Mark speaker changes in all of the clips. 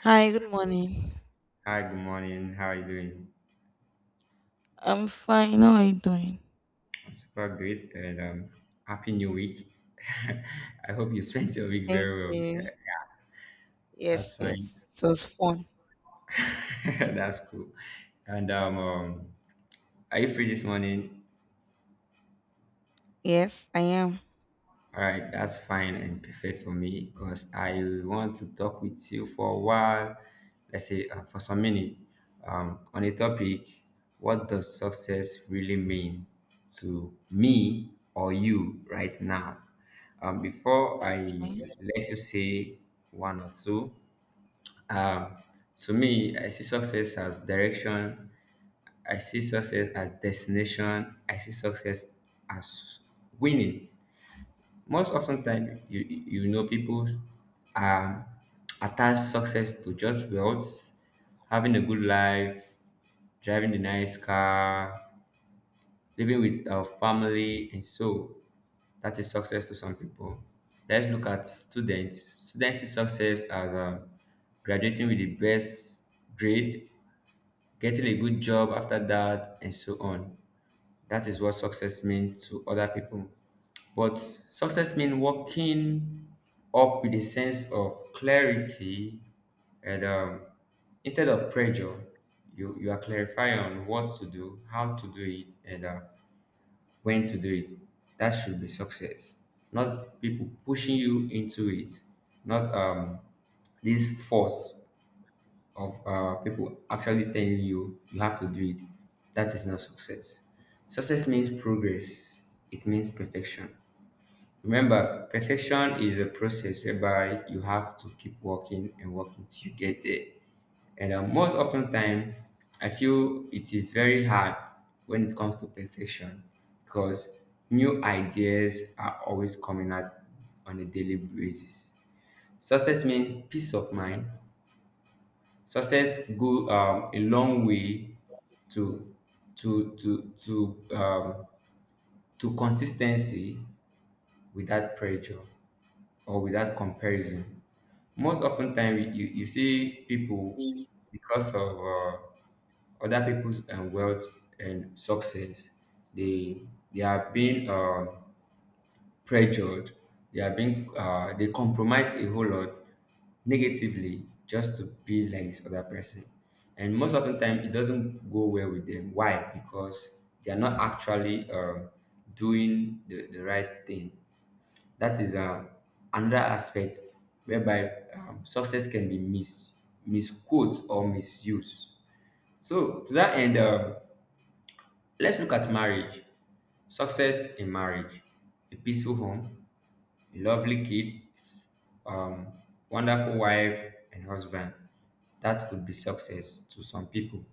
Speaker 1: Hi, good morning.
Speaker 2: Hi, good morning. How are you doing?
Speaker 1: I'm fine. How are you doing?
Speaker 2: I'm super great and happy new week. I hope you spent your week
Speaker 1: Thank
Speaker 2: very well.
Speaker 1: you.
Speaker 2: Yeah.
Speaker 1: Yes,
Speaker 2: That's fine.
Speaker 1: yes. It was fun.
Speaker 2: That's cool. And Are you free this morning?
Speaker 1: Yes, I am.
Speaker 2: All right, that's fine and perfect for me because I want to talk with you for a while, let's say for some minute, on a topic, what does success really mean to me or you right now? Before I
Speaker 1: Okay.
Speaker 2: let you say one or two, um, to me, I see success as direction. I see success as destination. I see success as winning. Most often time, you know people um, attach success to just wealth, having a good life, driving a nice car, living with our family, and so that is success to some people. Let's look at students. Students see success as graduating with the best grade, getting a good job after that, and so on. That is what success means to other people. But success means walking up with a sense of clarity and instead of pressure, you are clarifying on what to do, how to do it, and when to do it. That should be success, not people pushing you into it, not this force of people actually telling you you have to do it. That is not success. Success means progress. It means perfection. Remember, perfection is a process whereby you have to keep working and working till you get there. And most often time, I feel it is very hard when it comes to perfection because new ideas are always coming out on a daily basis. Success means peace of mind. Success go a long way to to to consistency without pressure or without comparison. Most often time you see people because of other people's wealth and success, they they are being pressured, they are being they compromise a whole lot negatively just to be like this other person, and most often time it doesn't go well with them. Why? Because they are not actually doing the right thing. That is another aspect whereby success can be misquote or misused. So, to that end, let's look at marriage. Success in marriage, a peaceful home, a lovely kids, um, wonderful wife and husband. That could be success to some people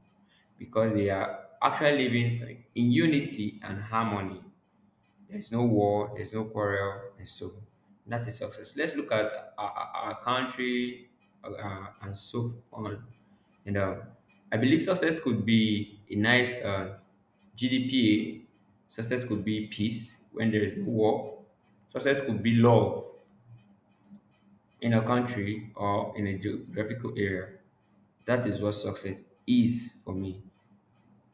Speaker 2: because they are actually living in unity and harmony. There's no war, there's no quarrel, and so that is success. Let's look at our country, and so on. And I believe success could be a nice GDP. Success could be peace when there is no war. Success could be love in a country or in a geographical area. That is what success is for me.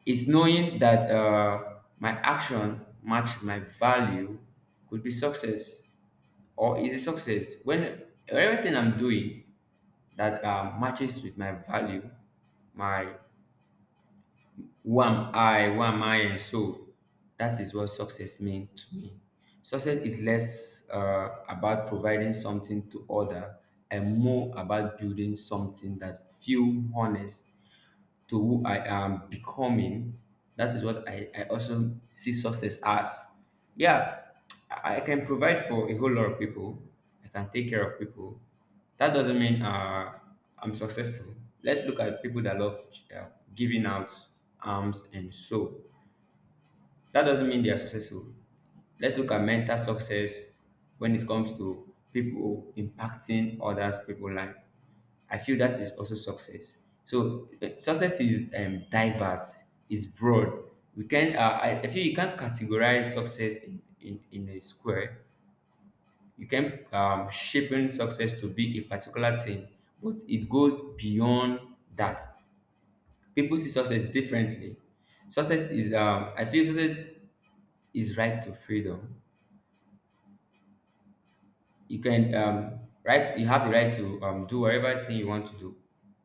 Speaker 2: It's knowing that my action match my value could be success, or is a success when everything I'm doing that matches with my value, my who am I, and so that is what success means to me. Success is less about providing something to other and more about building something that feel honest to who I am becoming. That is what I also see success as. Yeah, I can provide for a whole lot of people. I can take care of people. That doesn't mean I'm successful. Let's look at people that love uh, giving out arms and soul. That doesn't mean they are successful. Let's look at mental success when it comes to people impacting others people's life. I feel that is also success. So success is diverse, is broad. I feel you can't categorize success in a square. You can shaping success to be a particular thing, but it goes beyond that. People see success differently. I feel success is right to freedom. You have the right to do whatever thing you want to do,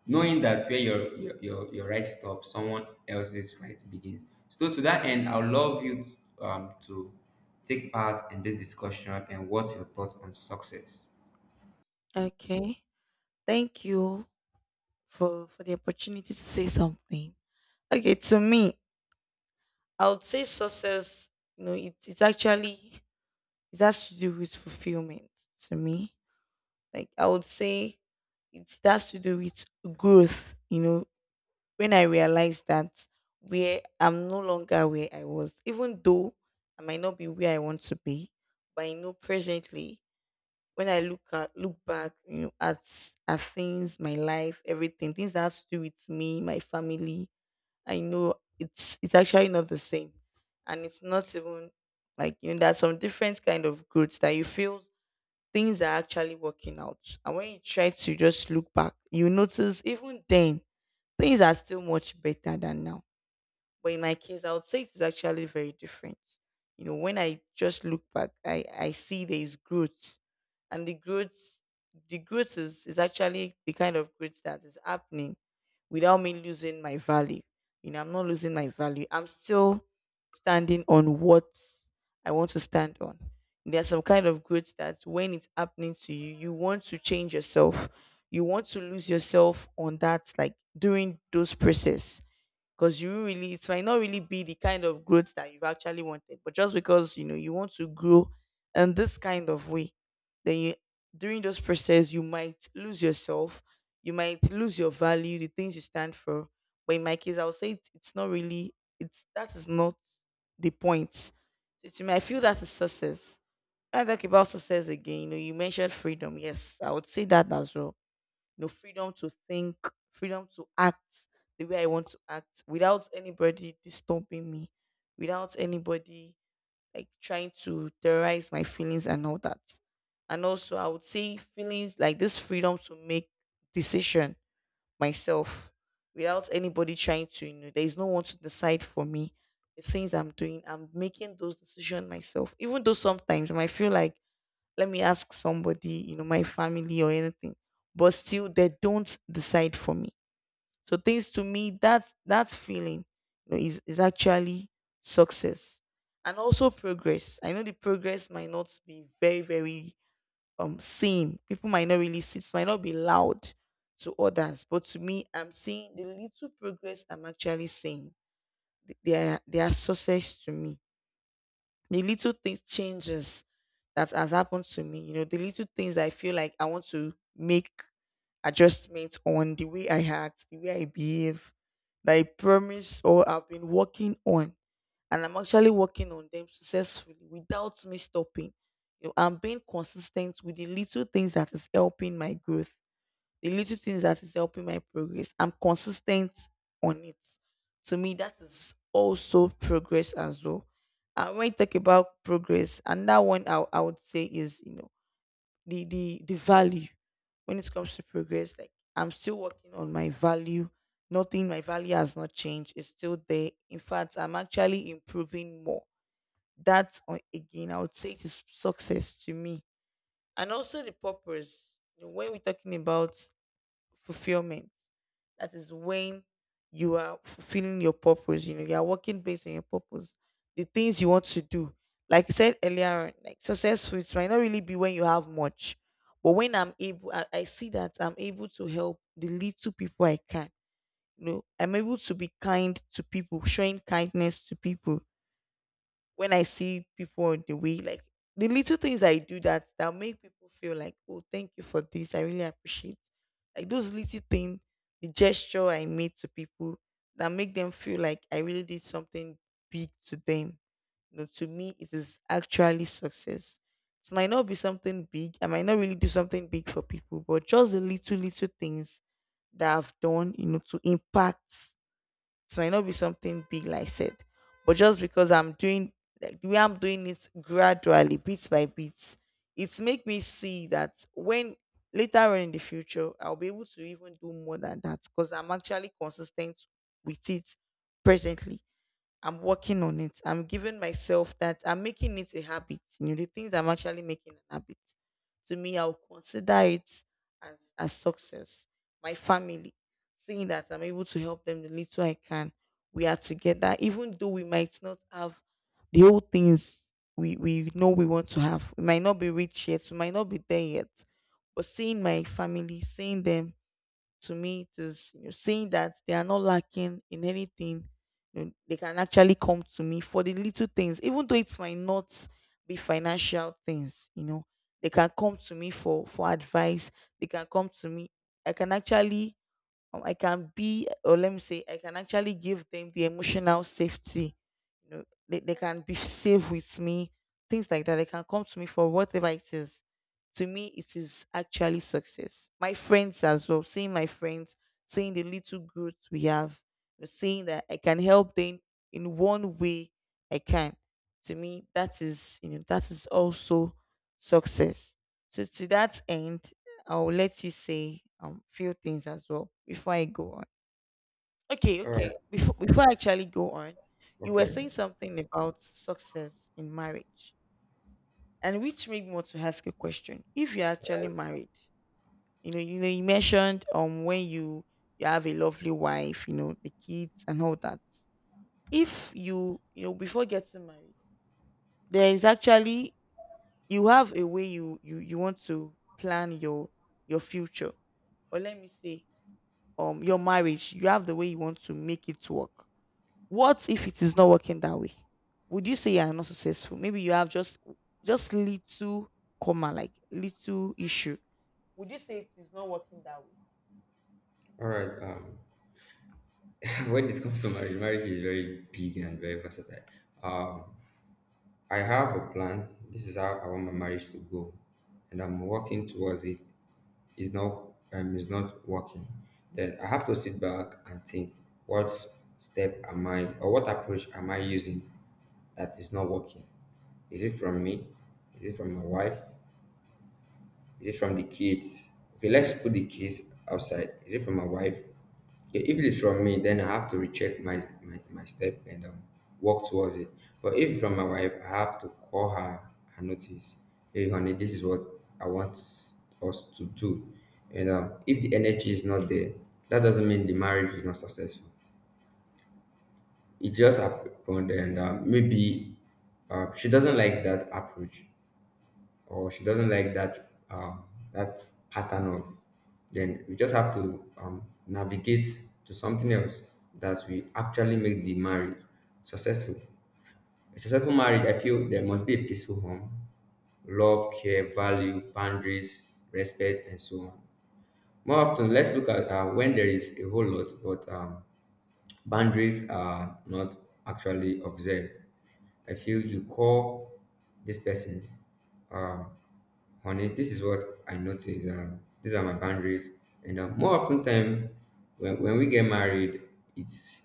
Speaker 2: knowing that where your right stops, someone else's right begins. So to that end, I would love you to take part in this discussion, and what's your thoughts on success.
Speaker 1: Okay. Thank you for the opportunity to say something. Okay, to me, I would say success, it's actually it has to do with fulfillment to me. Like I would say it has to do with growth, you know, when I realized that where I'm no longer where I was, even though I might not be where I want to be, but I know presently when I look at look back, you know, at things, my life, everything, things that has to do with me, my family, I know it's actually not the same, and it's not even like you know there's some different kind of growth that you feel things are actually working out, and when you try to just look back, you notice even then things are still much better than now. But in my case, I would say it's actually very different. You know, when I just look back, I see there is growth. And the growth is actually the kind of growth that is happening without me losing my value. You know, I'm not losing my value. I'm still standing on what I want to stand on. There's some kind of growth that when it's happening to you, you want to change yourself. You want to lose yourself on that, like during those process because you really it might not really be the kind of growth that you've actually wanted, but just because you know you want to grow in this kind of way, then you during this process you might lose yourself, you might lose your value, the things you stand for. But in my case, I would say it's not really, it's that is not the point. So to I feel that is success. When I talk about success again, you know, you mentioned freedom. Yes, I would say that as well. You know, freedom to think, freedom to act the way I want to act without anybody disturbing me, without anybody like trying to terrorize my feelings and all that. And also, I would say feelings like this freedom to make decision myself without anybody trying to, you know, there is no one to decide for me the things I'm doing. I'm making those decisions myself, even though sometimes I might feel like let me ask somebody, you know, my family or anything. But still they don't decide for me. So things to me that that feeling you know, is actually success. And also progress. I know the progress might not be very seen. People might not really see, it might not be loud to others. But to me, I'm seeing the little progress I'm actually seeing. They are success to me, the little things changes that has happened to me, you know, the little things I feel like I want to make adjustments on the way I act, the way I behave that I promise or I've been working on, and I'm actually working on them successfully without me stopping. You know, I'm being consistent with the little things that is helping my growth, the little things that is helping my progress. I'm consistent on it. To me, that is also progress as well. And when you talk about progress, another one I would say is, you know, the value when it comes to progress. Like I'm still working on my value. Nothing, my value has not changed. It's still there. In fact, I'm actually improving more. That again, I would say it is success to me. And also the purpose. You know, when we're talking about fulfillment. That is when you are fulfilling your purpose. You know, you are working based on your purpose, the things you want to do. Like I said earlier, on, like successful, it might not really be when you have much, but when I'm able, I see that I'm able to help the little people I can. You know, I'm able to be kind to people, showing kindness to people when I see people on the way, like the little things I do that that make people feel like, oh, thank you for this. I really appreciate. Like those little things, the gesture I made to people that make them feel like I really did something big to them. You know, to me, it is actually success. It might not be something big. I might not really do something big for people, but just the little little things that I've done, you know, to impact so it might not be something big, like I said, but just because I'm doing like the way I'm doing it gradually, bit by bit, it's make me see that when later on in the future I'll be able to even do more than that because I'm actually consistent with it presently. I'm working on it. I'm giving myself that I'm making it a habit. You know, the things I'm actually making an habit. To me, I'll consider it as a success. My family, seeing that I'm able to help them the little I can. We are together, even though we might not have the whole things we know we want to have. We might not be rich yet, we might not be there yet. But seeing my family, seeing them, to me it is, you know, saying that they are not lacking in anything, you know, they can actually come to me for the little things, even though it might not be financial things, you know, they can come to me for advice, they can come to me, I can actually I can be, or let me say, I can actually give them the emotional safety. You know, they can be safe with me, things like that. They can come to me for whatever it is. To me, it is actually success. My friends as well, seeing my friends, seeing the little growth we have, you know, seeing that I can help them in one way I can. To me, that is, you know, that is also success. So to that end, I'll let you say few things as well before I go on. Okay,
Speaker 2: All right.
Speaker 1: okay. Before I actually go on, you were
Speaker 2: Okay.
Speaker 1: saying something about success in marriage, and which made me want to ask a question. If you're actually married, you know, you mentioned when you have a lovely wife, you know, the kids and all that. If you you know before getting married, there is actually you have a way you you want to plan your future, or let me say your marriage, you have the way you want to make it work. What if it is not working that way? Would you say you are not successful? Maybe you have just little comma like little issue. Would you say it is not working that way?
Speaker 2: All right. When it comes to marriage, marriage is very big and very versatile. Um, I have a plan. This is how I want my marriage to go, and I'm working towards it. Is not is not working, then I have to sit back and think what step am I, or what approach am I using that is not working? Is it from me? Is it from my wife? Is it from the kids? Okay, let's put the kids outside. Is it from my wife? Okay, if it is from me, then I have to recheck my step and walk towards it. But if it's from my wife, I have to call her and notice. Hey, honey, this is what I want us to do. And if the energy is not there, that doesn't mean the marriage is not successful. It just happened, and maybe she doesn't like that approach, or she doesn't like that pattern of, then we just have to navigate to something else that we actually make the marriage successful. A successful marriage, I feel there must be a peaceful home, love, care, value, boundaries, respect, and so on. More often, let's look at when there is a whole lot, but boundaries are not actually observed. I feel you call this person, um, honey, this is what I notice. These are my boundaries. And more often time, when we get married, it's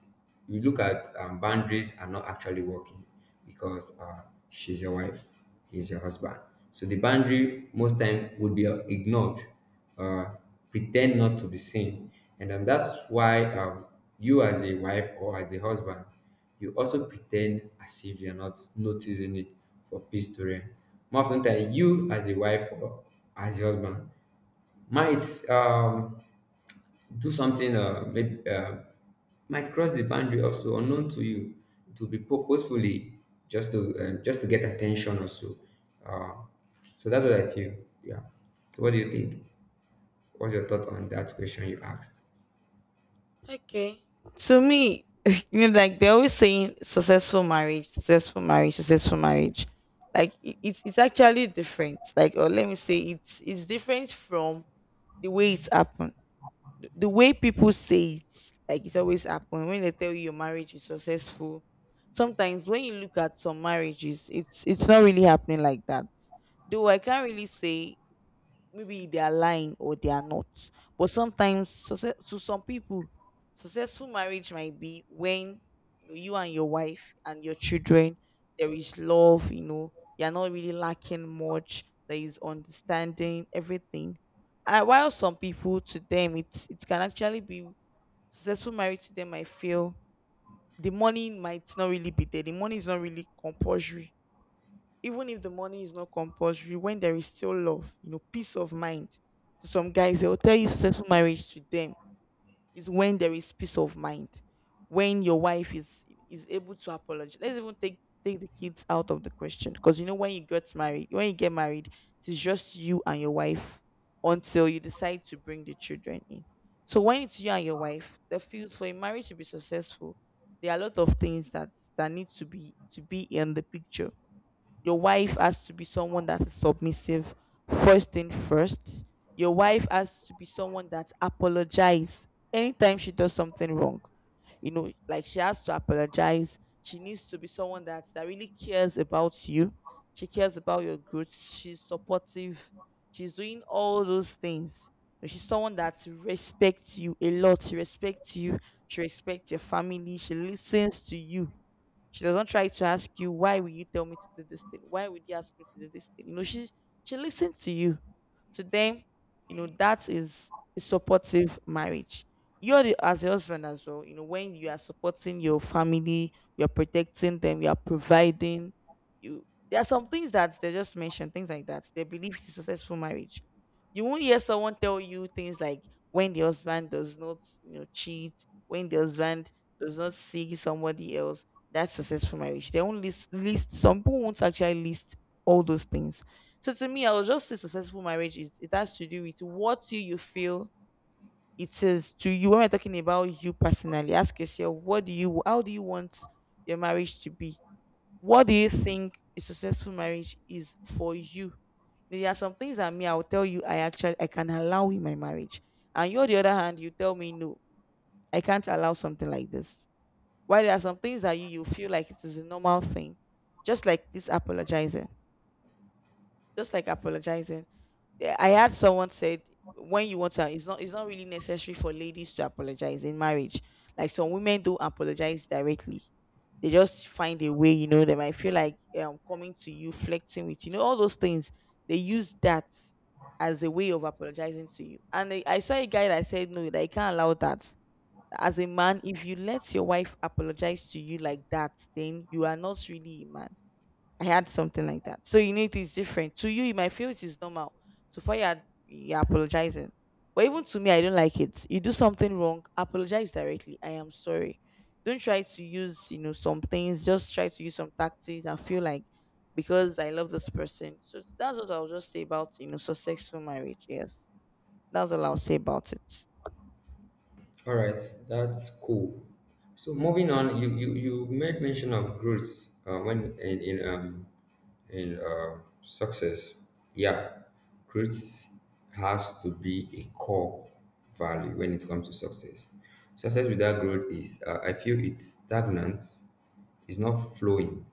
Speaker 2: we look at boundaries are not actually working because she's your wife, he's your husband. So the boundary most time would be ignored, uh, pretend not to be seen. And that's why you, as a wife or as a husband, you also pretend as if you're not noticing it for peace to reign. More often than not, you, as a wife or as a husband, might do something, might cross the boundary also unknown to you to be purposefully just to get attention also. Uh, so that's what I feel. Yeah. So what do you think? What's your thought on that question you asked?
Speaker 1: Okay. To me, you know, like they're always saying successful marriage, successful marriage, successful marriage. Like it's actually different. Like, or let me say it's different from the way it happened. The way people say it, like it always happen when they tell you your marriage is successful. Sometimes when you look at some marriages, it's not really happening like that. Though I can't really say maybe they are lying or they are not. But sometimes, success, to some people, successful marriage might be when you, know, you and your wife and your children there is love. You know, you're not really lacking much. There is understanding, everything. While some people, to them, it's it can actually be successful marriage. To them, I feel the money might not really be there. The money is not really compulsory. Even if the money is not compulsory, when there is still love, you know, peace of mind. To some guys, they will tell you successful marriage to them is when there is peace of mind, when your wife is able to apologize. Let's even take take the kids out of the question because you know when you get married, it's just you and your wife until you decide to bring the children in. So when it's you and your wife, the field for a marriage to be successful, there are a lot of things that that need to be in the picture. Your wife has to be someone that is submissive, first thing first. Your wife has to be someone that apologizes anytime she does something wrong. You know, like she has to apologize. She needs to be someone that that really cares about you. She cares about your goods. She's supportive. She's doing all those things. And she's someone that respects you a lot. She respects you. She respects your family. She listens to you. She doesn't try to ask you, "Why will you tell me to do this thing? Why would you ask me to do this thing?" You know, she listens to you, to them. You know, that is a supportive marriage. You're the, as a husband as well, you know, when you are supporting your family, you're protecting them, you're providing. You there are some things that they just mentioned, things like that they believe it's a successful marriage. You won't hear someone tell you things like when the husband does not, you know, cheat, when the husband does not see somebody else, that's successful marriage. They won't list some people won't actually list all those things. So to me, I will just say successful marriage is it has to do with what you feel it is to you. When we're talking about you personally, ask yourself what do you how do you want your marriage to be? What do you think a successful marriage is for you? There are some things that me I will tell you I actually I can allow in my marriage, and you on the other hand you tell me no, I can't allow something like this. Why there are some things that you feel like it is a normal thing, just like this apologizing, just like apologizing. Yeah, I had someone said when you want to, it's not really necessary for ladies to apologize in marriage. Like some women do apologize directly. They just find a way, you know. They might feel like coming to you, flirting with you, know, all those things. They use that as a way of apologizing to you. And I saw a guy that said, no, that I can't allow that. As a man, if you let your wife apologize to you like that, then you are not really a man. I had something like that. So you know it is different. To you, you might feel it is normal. So far, you're apologizing. But even to me, I don't like it. You do something wrong, apologize directly. I am sorry. Don't try to use, you know, some things. Just try to use some tactics and feel like because I love this person. So that's what I'll just say about, you know, successful marriage. Yes. That's all I'll say about it.
Speaker 2: All right, that's cool. So moving on, you made mention of growth when in success. Yeah, growth has to be a core value when it comes to success. Success without growth is, I feel, it's stagnant. It's not flowing.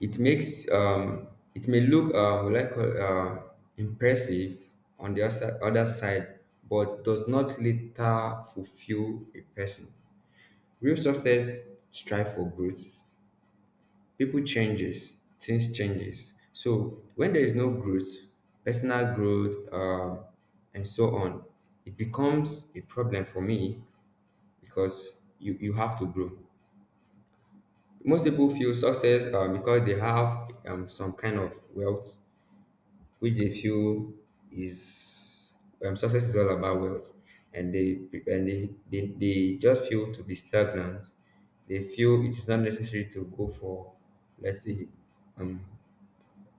Speaker 2: It makes um, it may look impressive on the other side, but does not later fulfill a person. Real success strive for growth. People changes, things changes. So when there is no growth, personal growth, and so on, it becomes a problem for me because you have to grow. Most people feel success because they have some kind of wealth which they feel is success is all about wealth, and they and they just feel to be stagnant. They feel it is not necessary to go for, let's say,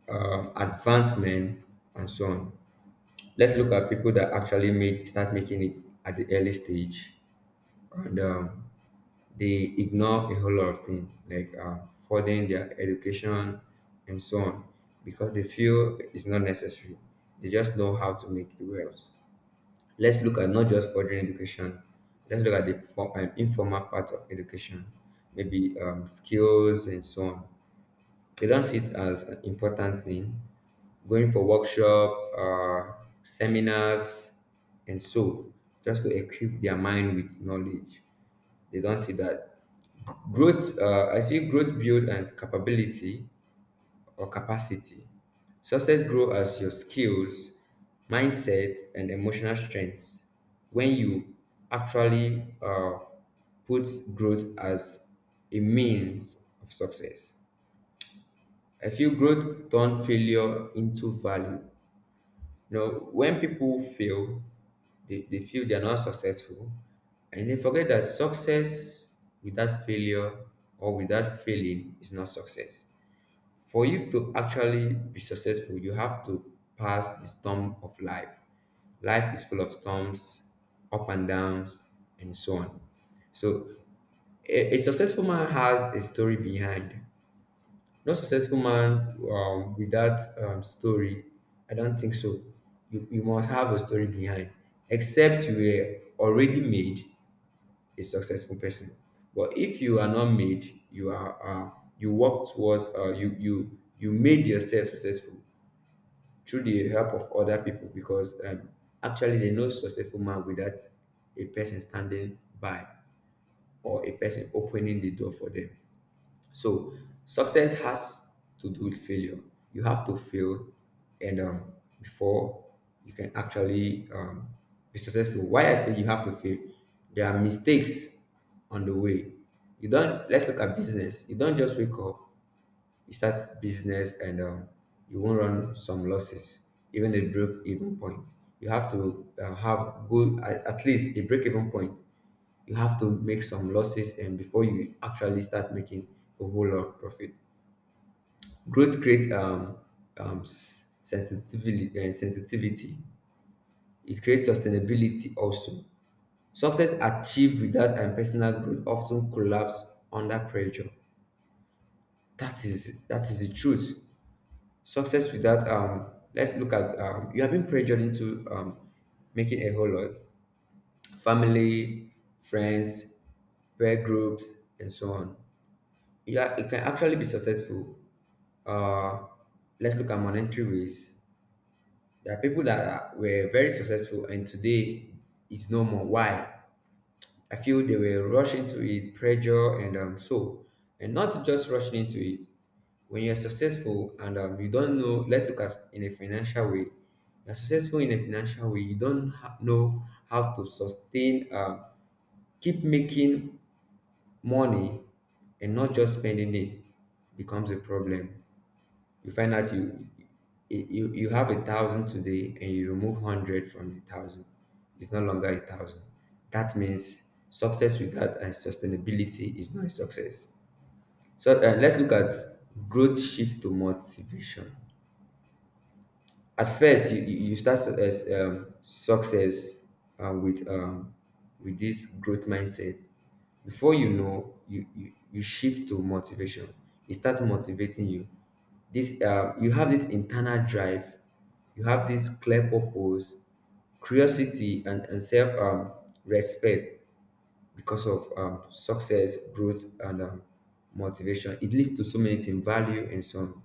Speaker 2: advancement and so on. Let's look at people that actually make start making it at the early stage and they ignore a whole lot of things like funding their education and so on because they feel it's not necessary. They just know how to make the wealth. Let's look at not just furthering education. Let's look at the informal part of education, maybe skills and so on. They don't see it as an important thing. Going for workshop, seminars, and so, just to equip their mind with knowledge. They don't see that. Growth, I feel growth build and capability or capacity. Success grow as your skills, mindset, and emotional strength. When you actually put growth as a means of success, I feel growth turn failure into value. You know, when people fail, they feel they are not successful, and they forget that success without failure or without failing is not success. For you to actually be successful, you have to pass the storm of life. Life is full of storms, up and downs, and so on. So, a successful man has a story behind. No successful man with that story. I don't think so. You must have a story behind, except you were already made a successful person. But if you are not made, you are uh, you work towards you made yourself successful through the help of other people because actually there no successful man without a person standing by or a person opening the door for them. So success has to do with failure. You have to fail, and before you can actually be successful. Why I say you have to fail, there are mistakes on the way. You don't. Let's look at business. You don't just wake up, you start business, and you won't run some losses, even a break even point. You have to have good at least a break even point. You have to make some losses and before you actually start making a whole lot of profit. Growth creates sensitivity, sensitivity. It creates sustainability also. Success achieved without and personal growth often collapse under pressure. That is the truth. Success without, let's look at, you have been pressured into making a whole lot, family, friends, peer groups, and so on. Yeah, it can actually be successful. Uh, let's look at monetary ways. There are people that are, were very successful and today it's no more. Why? I feel they were rushing to it, pressure, and not just rushing into it. When you're successful and you don't know, let's look at in a financial way. You're successful in a financial way. You don't know how to sustain, keep making money, and not just spending it becomes a problem. You find out you have a thousand today and you remove hundred from the thousand, it's no longer a thousand. That means success without and sustainability is not a success. So let's look at growth shift to motivation. At first you start as success, with with this growth mindset. Before you know, you shift to motivation. It start motivating you. This, you have this internal drive, you have this clear purpose, curiosity, and self, respect. Because of success, growth, and motivation, it leads to so many things, value and so on.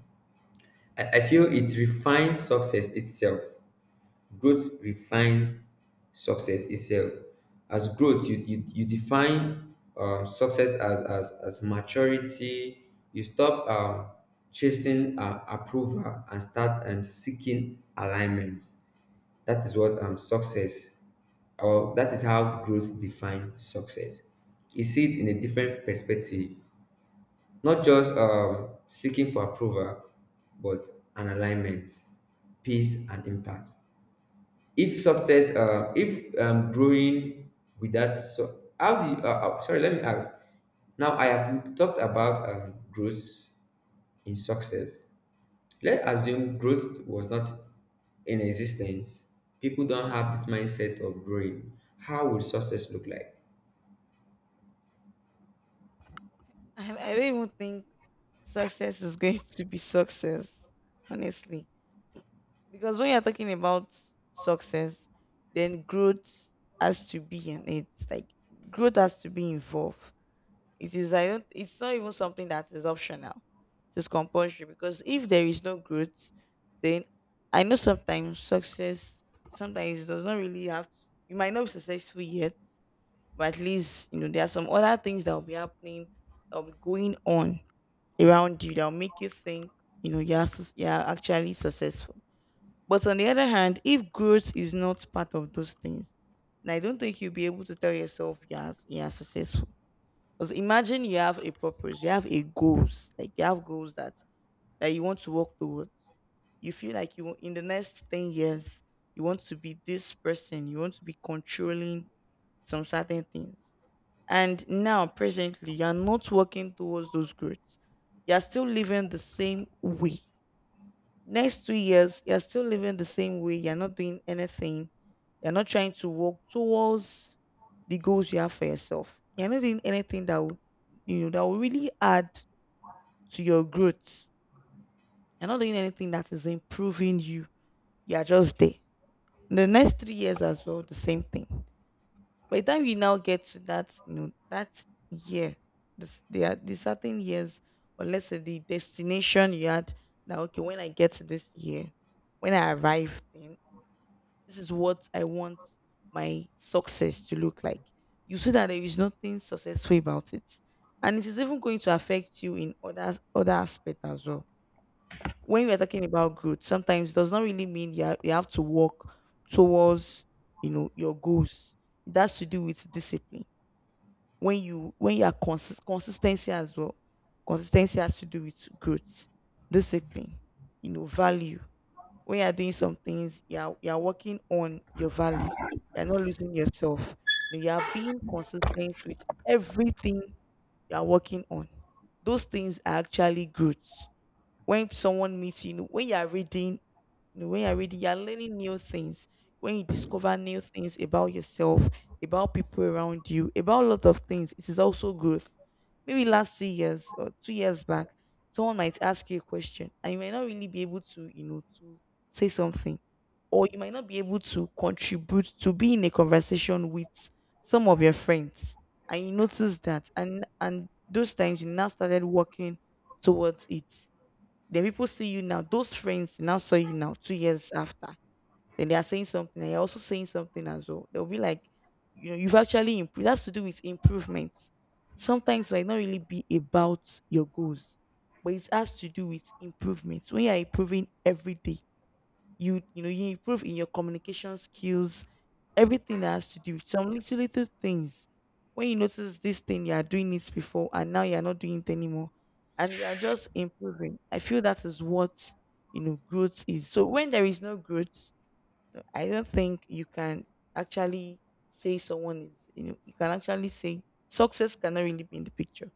Speaker 2: I feel it refines success itself. Growth refine success itself. As growth, you define success as, as maturity. You stop chasing approval and start seeking alignment. That is what success, or that is how growth defines success. You see it in a different perspective, not just seeking for approval, but an alignment, peace, and impact. If success, if growing without, so how do you, sorry, let me ask. Now I have talked about growth in success. Let's assume growth was not in existence, people don't have this mindset of growing, how would success look like?
Speaker 1: I don't even think success is going to be success, honestly. Because when you're talking about success, then growth has to be in it. Like growth has to be involved. It is I don't it's not even something that is optional. It's compulsory, because if there is no growth, then I know sometimes success sometimes it does not really have. You might not be successful yet, but at least you know there are some other things that will be happening, that will be going on around you that will make you think, you know, you're actually successful. But on the other hand, if growth is not part of those things, then I don't think you'll be able to tell yourself you are successful. Because imagine you have a purpose, you have a goals, like you have goals that that you want to work toward. You feel like you want- in the next 10 years you want to be this person, you want to be controlling some certain things, and now presently you are not working towards those goals. You are still living the same way. Next 2 years, you're still living the same way. You're not doing anything. You're not trying to work towards the goals you have for yourself. You're not doing anything that will, you know that will really add to your growth. You're not doing anything that is improving you. You are just there. The next 3 years as well, the same thing. By the time you now get to that, you know, that year, this there are the certain years, or let's say the destination you had. Now, okay, when I get to this year, when I arrive, then this is what I want my success to look like. You see that there is nothing successful about it. And it is even going to affect you in other other aspects as well. When we are talking about growth, sometimes it does not really mean you, are, you have to work towards, you know, your goals. It has to do with discipline. When you are consistency as well. Consistency has to do with growth, discipline, you know, value. When you're doing some things, you're working on your value. You're not losing yourself. You know, you're being consistent with everything you're working on. Those things are actually growth. When someone meets you, you know, when you are reading, you know, when you are reading, you are learning new things. When you discover new things about yourself, about people around you, about a lot of things, it is also growth. Maybe last 2 years or 2 years back, someone might ask you a question, and you might not really be able to, you know, to say something, or you might not be able to contribute to be in a conversation with some of your friends, and you notice that, and those times you now started working towards it. Then people see you now. Those friends now saw you now 2 years after. Then they are saying something, and you're also saying something as well. They'll be like, you know, you've actually improved. That's to do with improvements. Sometimes it might not really be about your goals, but it has to do with improvements. When you are improving every day, you know you improve in your communication skills, everything that has to do with some little little things. When you notice this thing, you are doing it before, and now you are not doing it anymore, and you are just improving. I feel that is what, you know, growth is. So when there is no growth, I don't think you can actually say someone is you know you can actually say success cannot really be in the picture.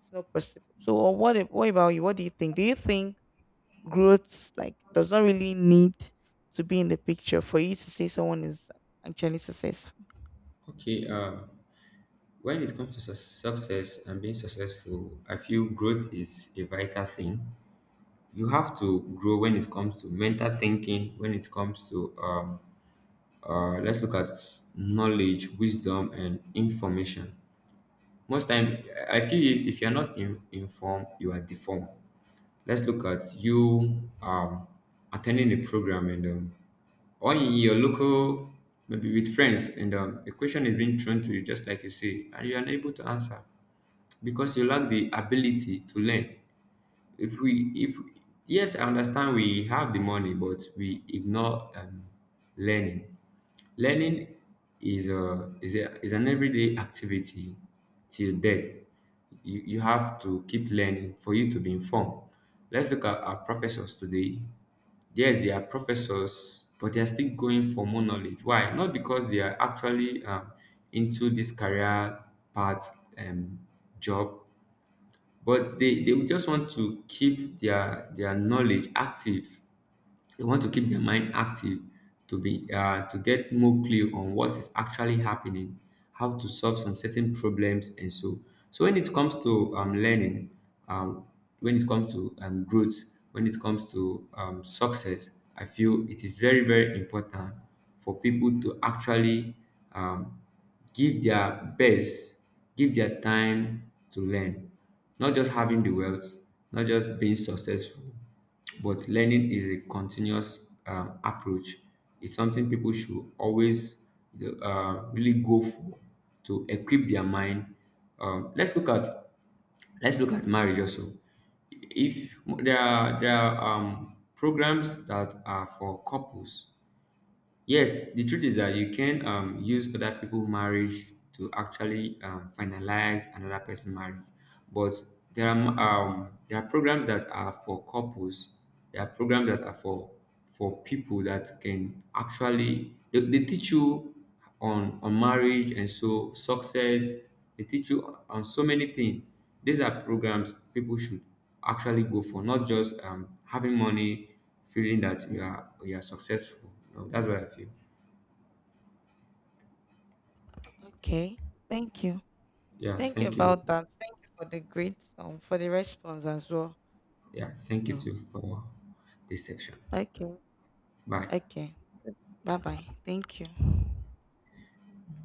Speaker 1: It's not possible. So what about you? What do you think? Do you think growth like does not really need to be in the picture for you to say someone is actually successful?
Speaker 2: Okay, when it comes to success and being successful, I feel growth is a vital thing. You have to grow when it comes to mental thinking, when it comes to let's look at knowledge, wisdom, and information. Most time, I feel if you're not in, informed, you are deformed. Let's look at you, attending a program, and or in your local, maybe with friends, and a question is being thrown to you, just like you say, and you're unable to answer because you lack the ability to learn. If we if yes, I understand we have the money but we ignore learning. Learning is a is an everyday activity till death. You have to keep learning for you to be informed. Let's look at our professors today. Yes, they are professors but they are still going for more knowledge. Why? Not because they are actually into this career path, um, job, but they just want to keep their knowledge active. They want to keep their mind active, to be to get more clear on what is actually happening, how to solve some certain problems and so. So when it comes to learning, um, when it comes to growth, when it comes to success, I feel it is very very important for people to actually, um, give their best, give their time to learn, not just having the wealth, not just being successful. But learning is a continuous approach. It's something people should always, you know, really go for, to equip their mind. Um, let's look at let's look at marriage also. If there are, there are programs that are for couples. Yes, the truth is that you can use other people's marriage to actually finalize another person's marriage. But there are, there are programs that are for couples. There are programs that are for people that can actually, they teach you on marriage and so success. They teach you on so many things. These are programs people should actually go for, not just having money, feeling that you are successful. No, that's what I feel.
Speaker 1: Okay, thank you.
Speaker 2: Yeah,
Speaker 1: Thank you
Speaker 2: thank you.
Speaker 1: about that. Thank you for the great for the response as well.
Speaker 2: Yeah, thank you
Speaker 1: So
Speaker 2: too for this section.
Speaker 1: okay,
Speaker 2: Bye.
Speaker 1: okay. Bye bye. Thank you.